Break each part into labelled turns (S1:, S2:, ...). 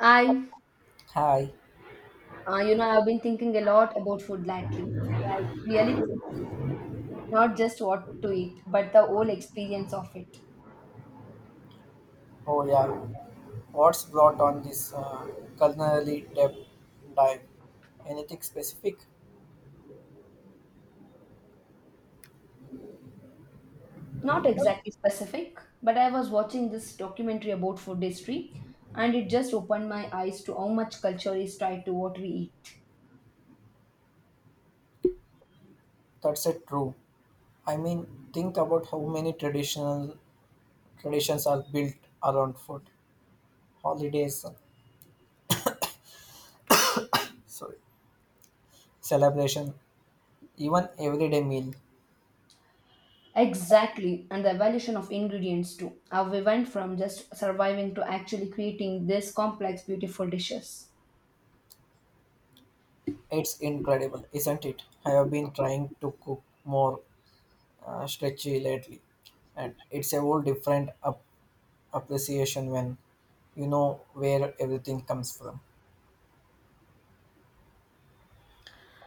S1: I,
S2: Hi.
S1: I've been thinking a lot about food lately, like really thinking, not just what to eat, but the whole experience of it.
S2: Oh yeah. What's brought on this culinary depth dive? Anything specific?
S1: Not exactly specific, but I was watching this documentary about food history, and it just opened my eyes to how much culture is tied to what we eat.
S2: That's it. True. I mean, think about how many traditional traditions are built around food, holidays, celebration, even everyday meal.
S1: Exactly, and the evolution of ingredients too. How we went from just surviving to actually creating these complex, beautiful dishes.
S2: It's incredible, isn't it? I have been trying to cook more stretchy lately, and it's a whole different appreciation when you know where everything comes from.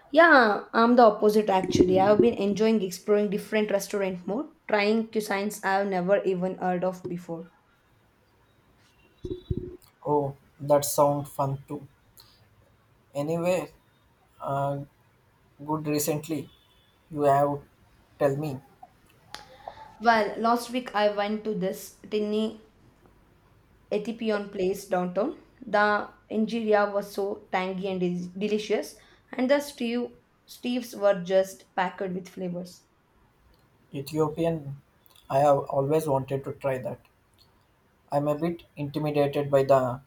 S1: Yeah, I'm the opposite actually. I've been enjoying exploring different restaurant more, trying cuisines I've never even heard of before.
S2: Oh, that sounds fun too. Anyway, uh, good recently, you have tell me
S1: Well, last week I went to this tiny Ethiopian place downtown. The injera was so tangy and delicious, and the stews were just packed with flavors.
S2: Ethiopian. I have always wanted to try that. I'm a bit intimidated by the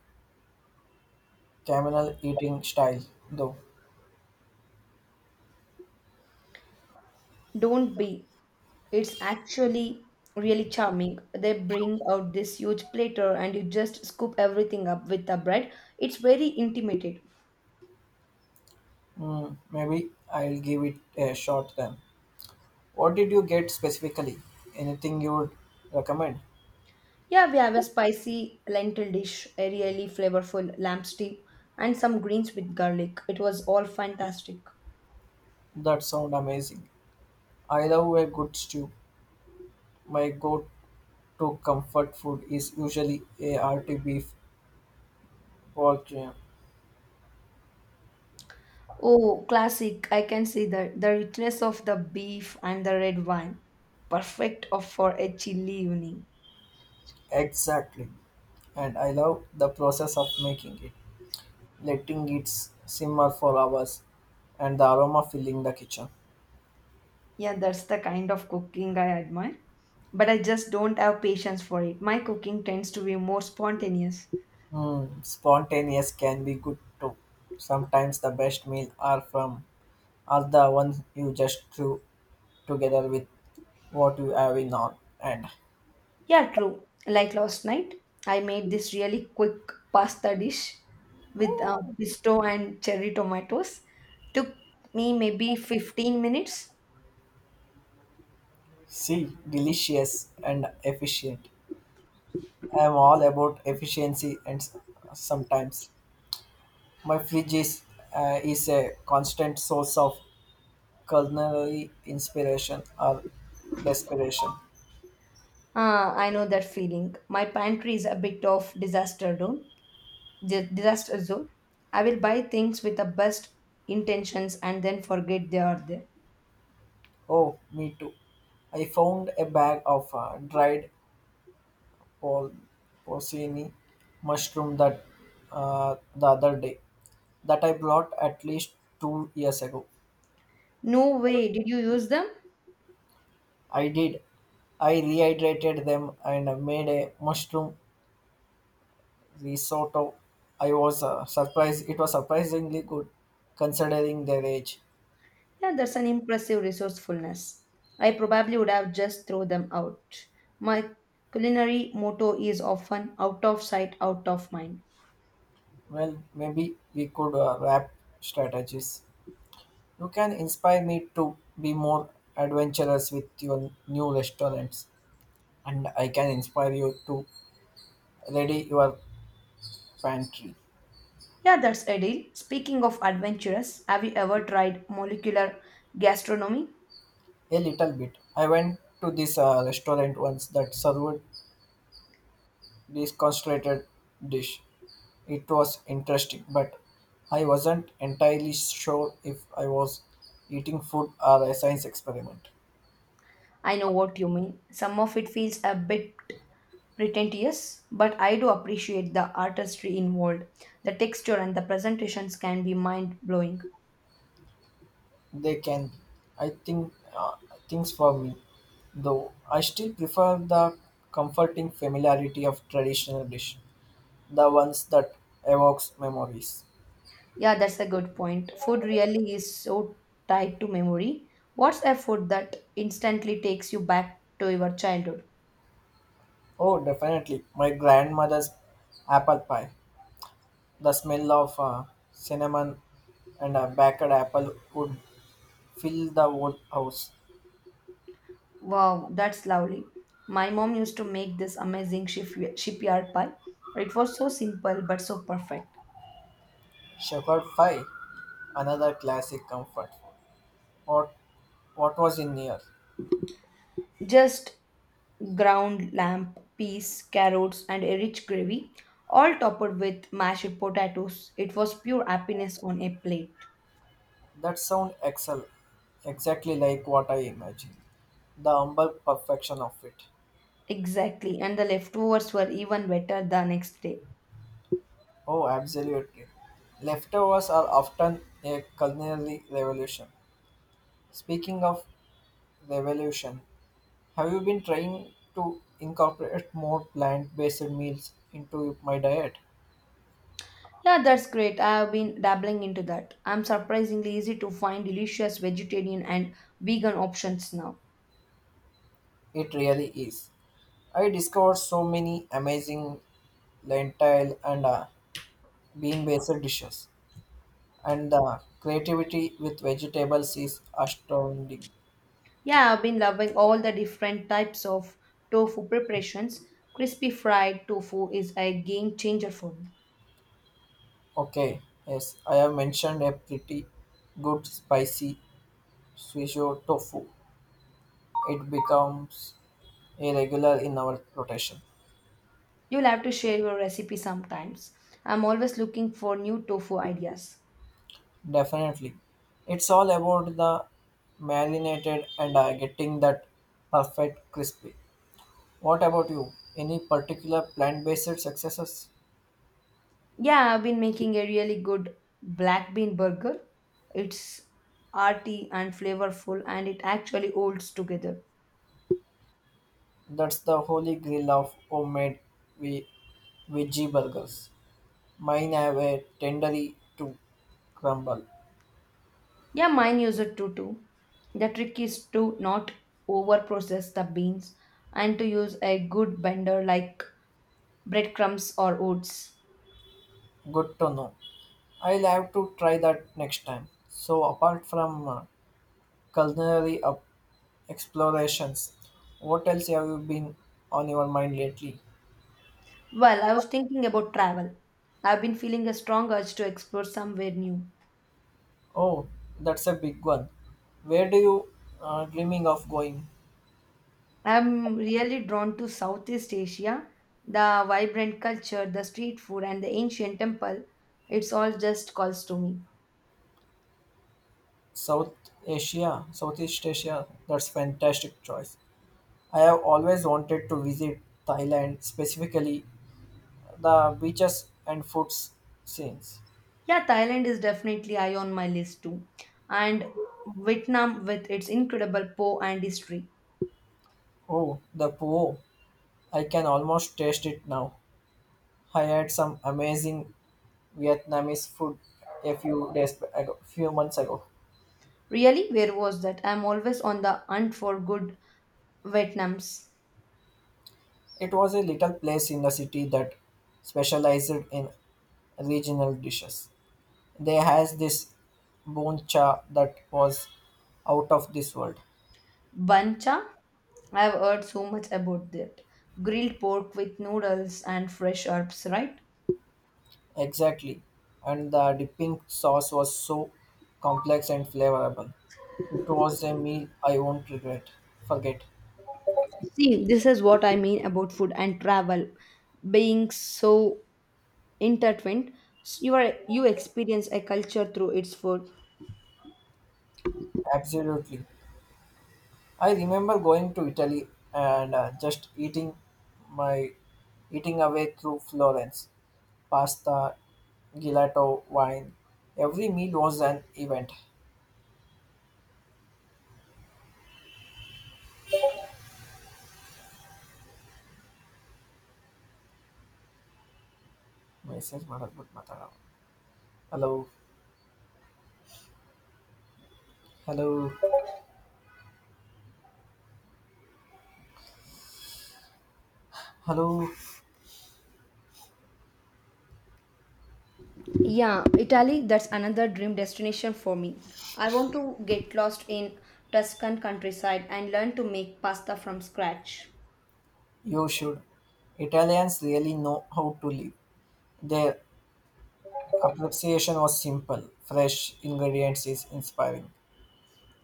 S2: camel eating style, though.
S1: Don't be. It's actually really charming. They bring out this huge platter and you just scoop everything up with the bread. It's very intimate.
S2: Hmm, maybe I'll give it a shot then. What did you get specifically? Anything you would recommend?
S1: Yeah, we have a spicy lentil dish, a really flavorful lamb stew, and some greens with garlic. It was all fantastic.
S2: That sound amazing. I love a good stew. My go-to comfort food is usually a hearty beef pork jam.
S1: Oh, classic. I can see the richness of the beef and the red wine. Perfect for a chilly evening.
S2: Exactly. And I love the process of making it, letting it simmer for hours and the aroma filling the kitchen.
S1: Yeah, that's the kind of cooking I admire. But I just don't have patience for it. My cooking tends to be more spontaneous.
S2: Mm, spontaneous can be good too. Sometimes the best meal are from are the ones you just threw together with what you have in on and
S1: Yeah, true. Like last night, I made this really quick pasta dish with pesto and cherry tomatoes. Took me maybe 15 minutes.
S2: see delicious and efficient. I am all about efficiency and sometimes my fridge is a constant source of culinary inspiration or desperation.
S1: Ah, I know that feeling. My pantry is a bit of disaster zone. Disaster zone. I will buy things with the best intentions and then forget they are there.
S2: Oh, me too. I found a bag of dried por- porcini mushroom that the other day that I bought at least 2 years ago.
S1: No way, did you use them?
S2: I did. I rehydrated them and made a mushroom risotto. I was surprised. It was surprisingly good considering their age.
S1: Yeah, that's an impressive resourcefulness. I probably would have just thrown them out. My culinary motto is often out of sight, out of mind.
S2: Well, maybe we could wrap strategies. You can inspire me to be more adventurous with your new restaurants, and I can inspire you to ready your pantry
S1: Yeah, that's a deal. Speaking of adventurous, have you ever tried molecular gastronomy?
S2: a little bit. I went to this restaurant once that served this concentrated dish. It was interesting, but I wasn't entirely sure if I was eating food or a science experiment.
S1: I know what you mean. Some of it feels a bit pretentious, but I do appreciate the artistry involved. The texture and the presentations can be mind blowing.
S2: They can, I think, things for me. Though I still prefer the comforting familiarity of traditional dish, the ones that evokes memories.
S1: Yeah, that's a good point. Food really is so tied to memory. What's a food that instantly takes you back to your childhood?
S2: Oh, definitely, my grandmother's apple pie. The smell of cinnamon and a baked apple would fill the whole house.
S1: Wow, that's lovely. My mom used to make this amazing shipyard pie. It was so simple but so perfect.
S2: Shepherd pie, another classic comfort. Food. What, what was in here?
S1: Just ground lamb, peas, carrots, and a rich gravy, all topped with mashed potatoes. It was pure happiness on a plate.
S2: That sound excellent, exactly like what I imagined. The humble perfection of it.
S1: Exactly, and the leftovers were even better the next day.
S2: Oh, absolutely. Leftovers are often a culinary revolution. Speaking of revolution, have you been trying to incorporate more plant based meals into my diet?
S1: Yeah, that's great. I have been dabbling into that. I'm surprisingly easy to find delicious vegetarian and vegan options now.
S2: It really is. I discovered so many amazing lentil and bean based dishes, and the creativity with vegetables is astounding.
S1: Yeah, I've been loving all the different types of tofu preparations. Crispy fried tofu is a game changer for me.
S2: Okay, yes, I have mentioned a pretty good spicy swisho tofu. It becomes a regular in our rotation.
S1: You'll have to share your recipe sometimes. I'm always looking for new tofu ideas.
S2: Definitely. It's all about the marinated and getting that perfect crispy. What about you? Any particular plant-based successes?
S1: Yeah, I've been making a really good black bean burger. It's hearty and flavorful and it actually holds together.
S2: That's the holy grail of homemade ve- veggie burgers. Mine have a tendery to crumble.
S1: Yeah, mine use it too. The trick is to not over process the beans and to use a good blender like breadcrumbs or oats.
S2: Good to know. I'll have to try that next time. So, apart from culinary up explorations, what else have you been on your mind lately?
S1: Well, I was thinking about travel. I've been feeling a strong urge to explore somewhere new.
S2: Oh, that's a big one. Where do you dreaming of going?
S1: I'm really drawn to Southeast Asia, the vibrant culture, the street food, and the ancient temple. It's all just calls to me.
S2: South Asia, Southeast Asia. That's fantastic choice. I have always wanted to visit Thailand, specifically the beaches and food scenes.
S1: Yeah, Thailand is definitely high on my list too. And Vietnam with its incredible po and history.
S2: Oh, the po! I can almost taste it now. I had some amazing Vietnamese food a few days ago, few months ago.
S1: Really, where was that? I'm always on the hunt for good Vietnams.
S2: It was a little place in the city that specialized in regional dishes. They has this chả that was out of this world.
S1: Bancha, I've heard so much about that. Grilled pork with noodles and fresh herbs, right?
S2: Exactly. And the dipping sauce was so complex and flavorable. It was a meal I won't regret. Forget.
S1: See, this is what I mean about food and travel being so intertwined. You are you experience a culture through its food.
S2: Absolutely. I remember going to Italy and just eating my eating away through Florence, pasta, gelato, wine. Every meal was an event. Message ಮಾಡಕ್ಬಿಟ್ ಮಾತಾಡೋ. Hello, hello, hello.
S1: Yeah, Italy, that's another dream destination for me. I want to get lost in Tuscan countryside and learn to make pasta from scratch.
S2: You should. Italians really know how to live. Their appreciation was simple. Fresh ingredients is inspiring,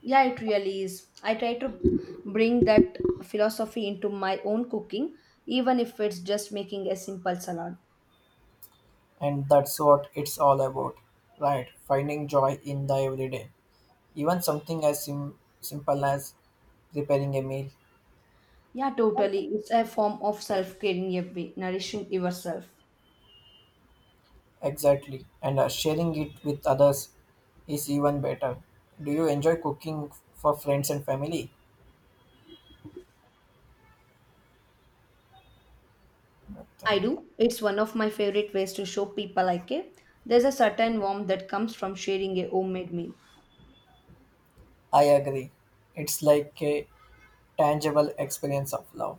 S1: Yeah, it really is. I try to bring that philosophy into my own cooking, even if it's just making a simple salad.
S2: and that's what it's all about, right? Finding joy in the everyday. Even something as simple as preparing a meal,
S1: Yeah, totally. It's a form of self care in a way, nourishing yourself.
S2: exactly, and sharing it with others is even better. Do you enjoy cooking for friends and family?
S1: I
S2: So,
S1: do. It's one of my favorite ways to show people I care. There's a certain warmth that comes from sharing a homemade meal.
S2: I agree. It's like a tangible experience of love.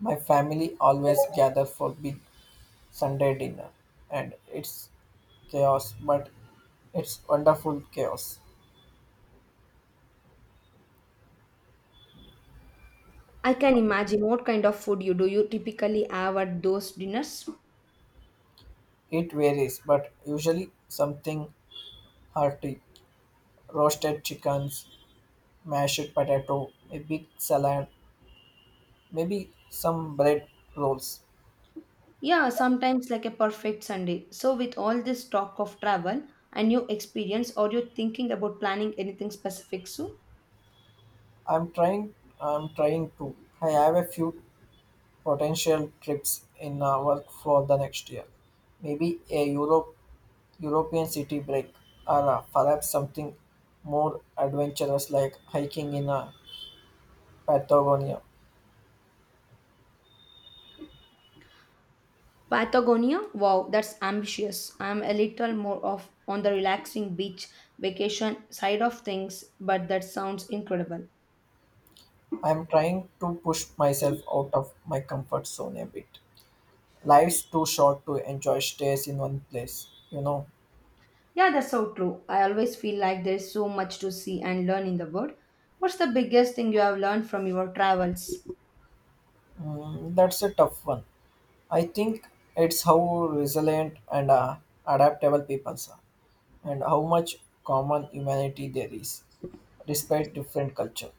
S2: My family always gather for big Sunday dinner, and it's chaos, but it's wonderful chaos.
S1: I can imagine what kind of food you do. You typically have at those dinners.
S2: It varies, but usually something hearty. Roasted chickens, mashed potato, a big salad, maybe some bread rolls.
S1: Yeah, sometimes like a perfect Sunday. So, with all this talk of travel and new experience, are you thinking about planning anything specific soon?
S2: I'm trying I'm trying to. I have a few potential trips in our work for the next year. Maybe a European city break or perhaps something more adventurous like hiking in Patagonia.
S1: Patagonia? Wow, that's ambitious. I'm a little more of on the relaxing beach vacation side of things, but that sounds incredible.
S2: I'm trying to push myself out of my comfort zone a bit. Life's too short to enjoy stays in one place, you know.
S1: Yeah, that's so true. I always feel like there's so much to see and learn in the world. What's the biggest thing you have learned from your travels?
S2: Mm, that's a tough one. I think it's how resilient and adaptable people are, and how much common humanity there is, despite different culture.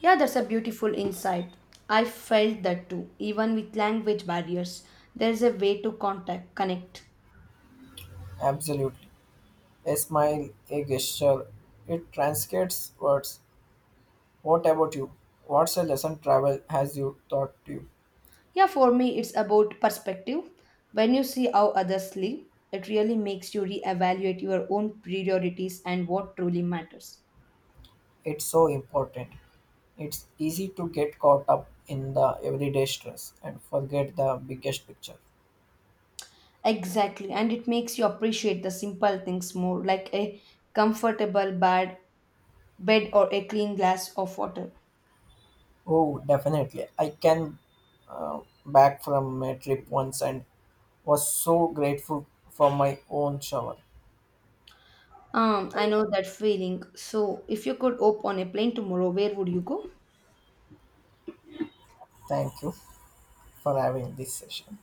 S1: Yeah, that's a beautiful insight. I felt that too, even with language barriers. There's a way to contact, connect.
S2: Absolutely. A smile, a gesture, it transcends words. What about you? What's a lesson travel has you taught you?
S1: Yeah, for me, it's about perspective. When you see how others live, it really makes you reevaluate your own priorities and what truly matters.
S2: It's so important. It's easy to get caught up in the everyday stress and forget the biggest picture.
S1: Exactly, and it makes you appreciate the simple things more, like a comfortable bed or a clean glass of water.
S2: Oh, definitely. I can back from a trip once and was so grateful for my own shower.
S1: I know that feeling. So, if you could hop on a plane tomorrow, where would you go?
S2: Thank you for having this session.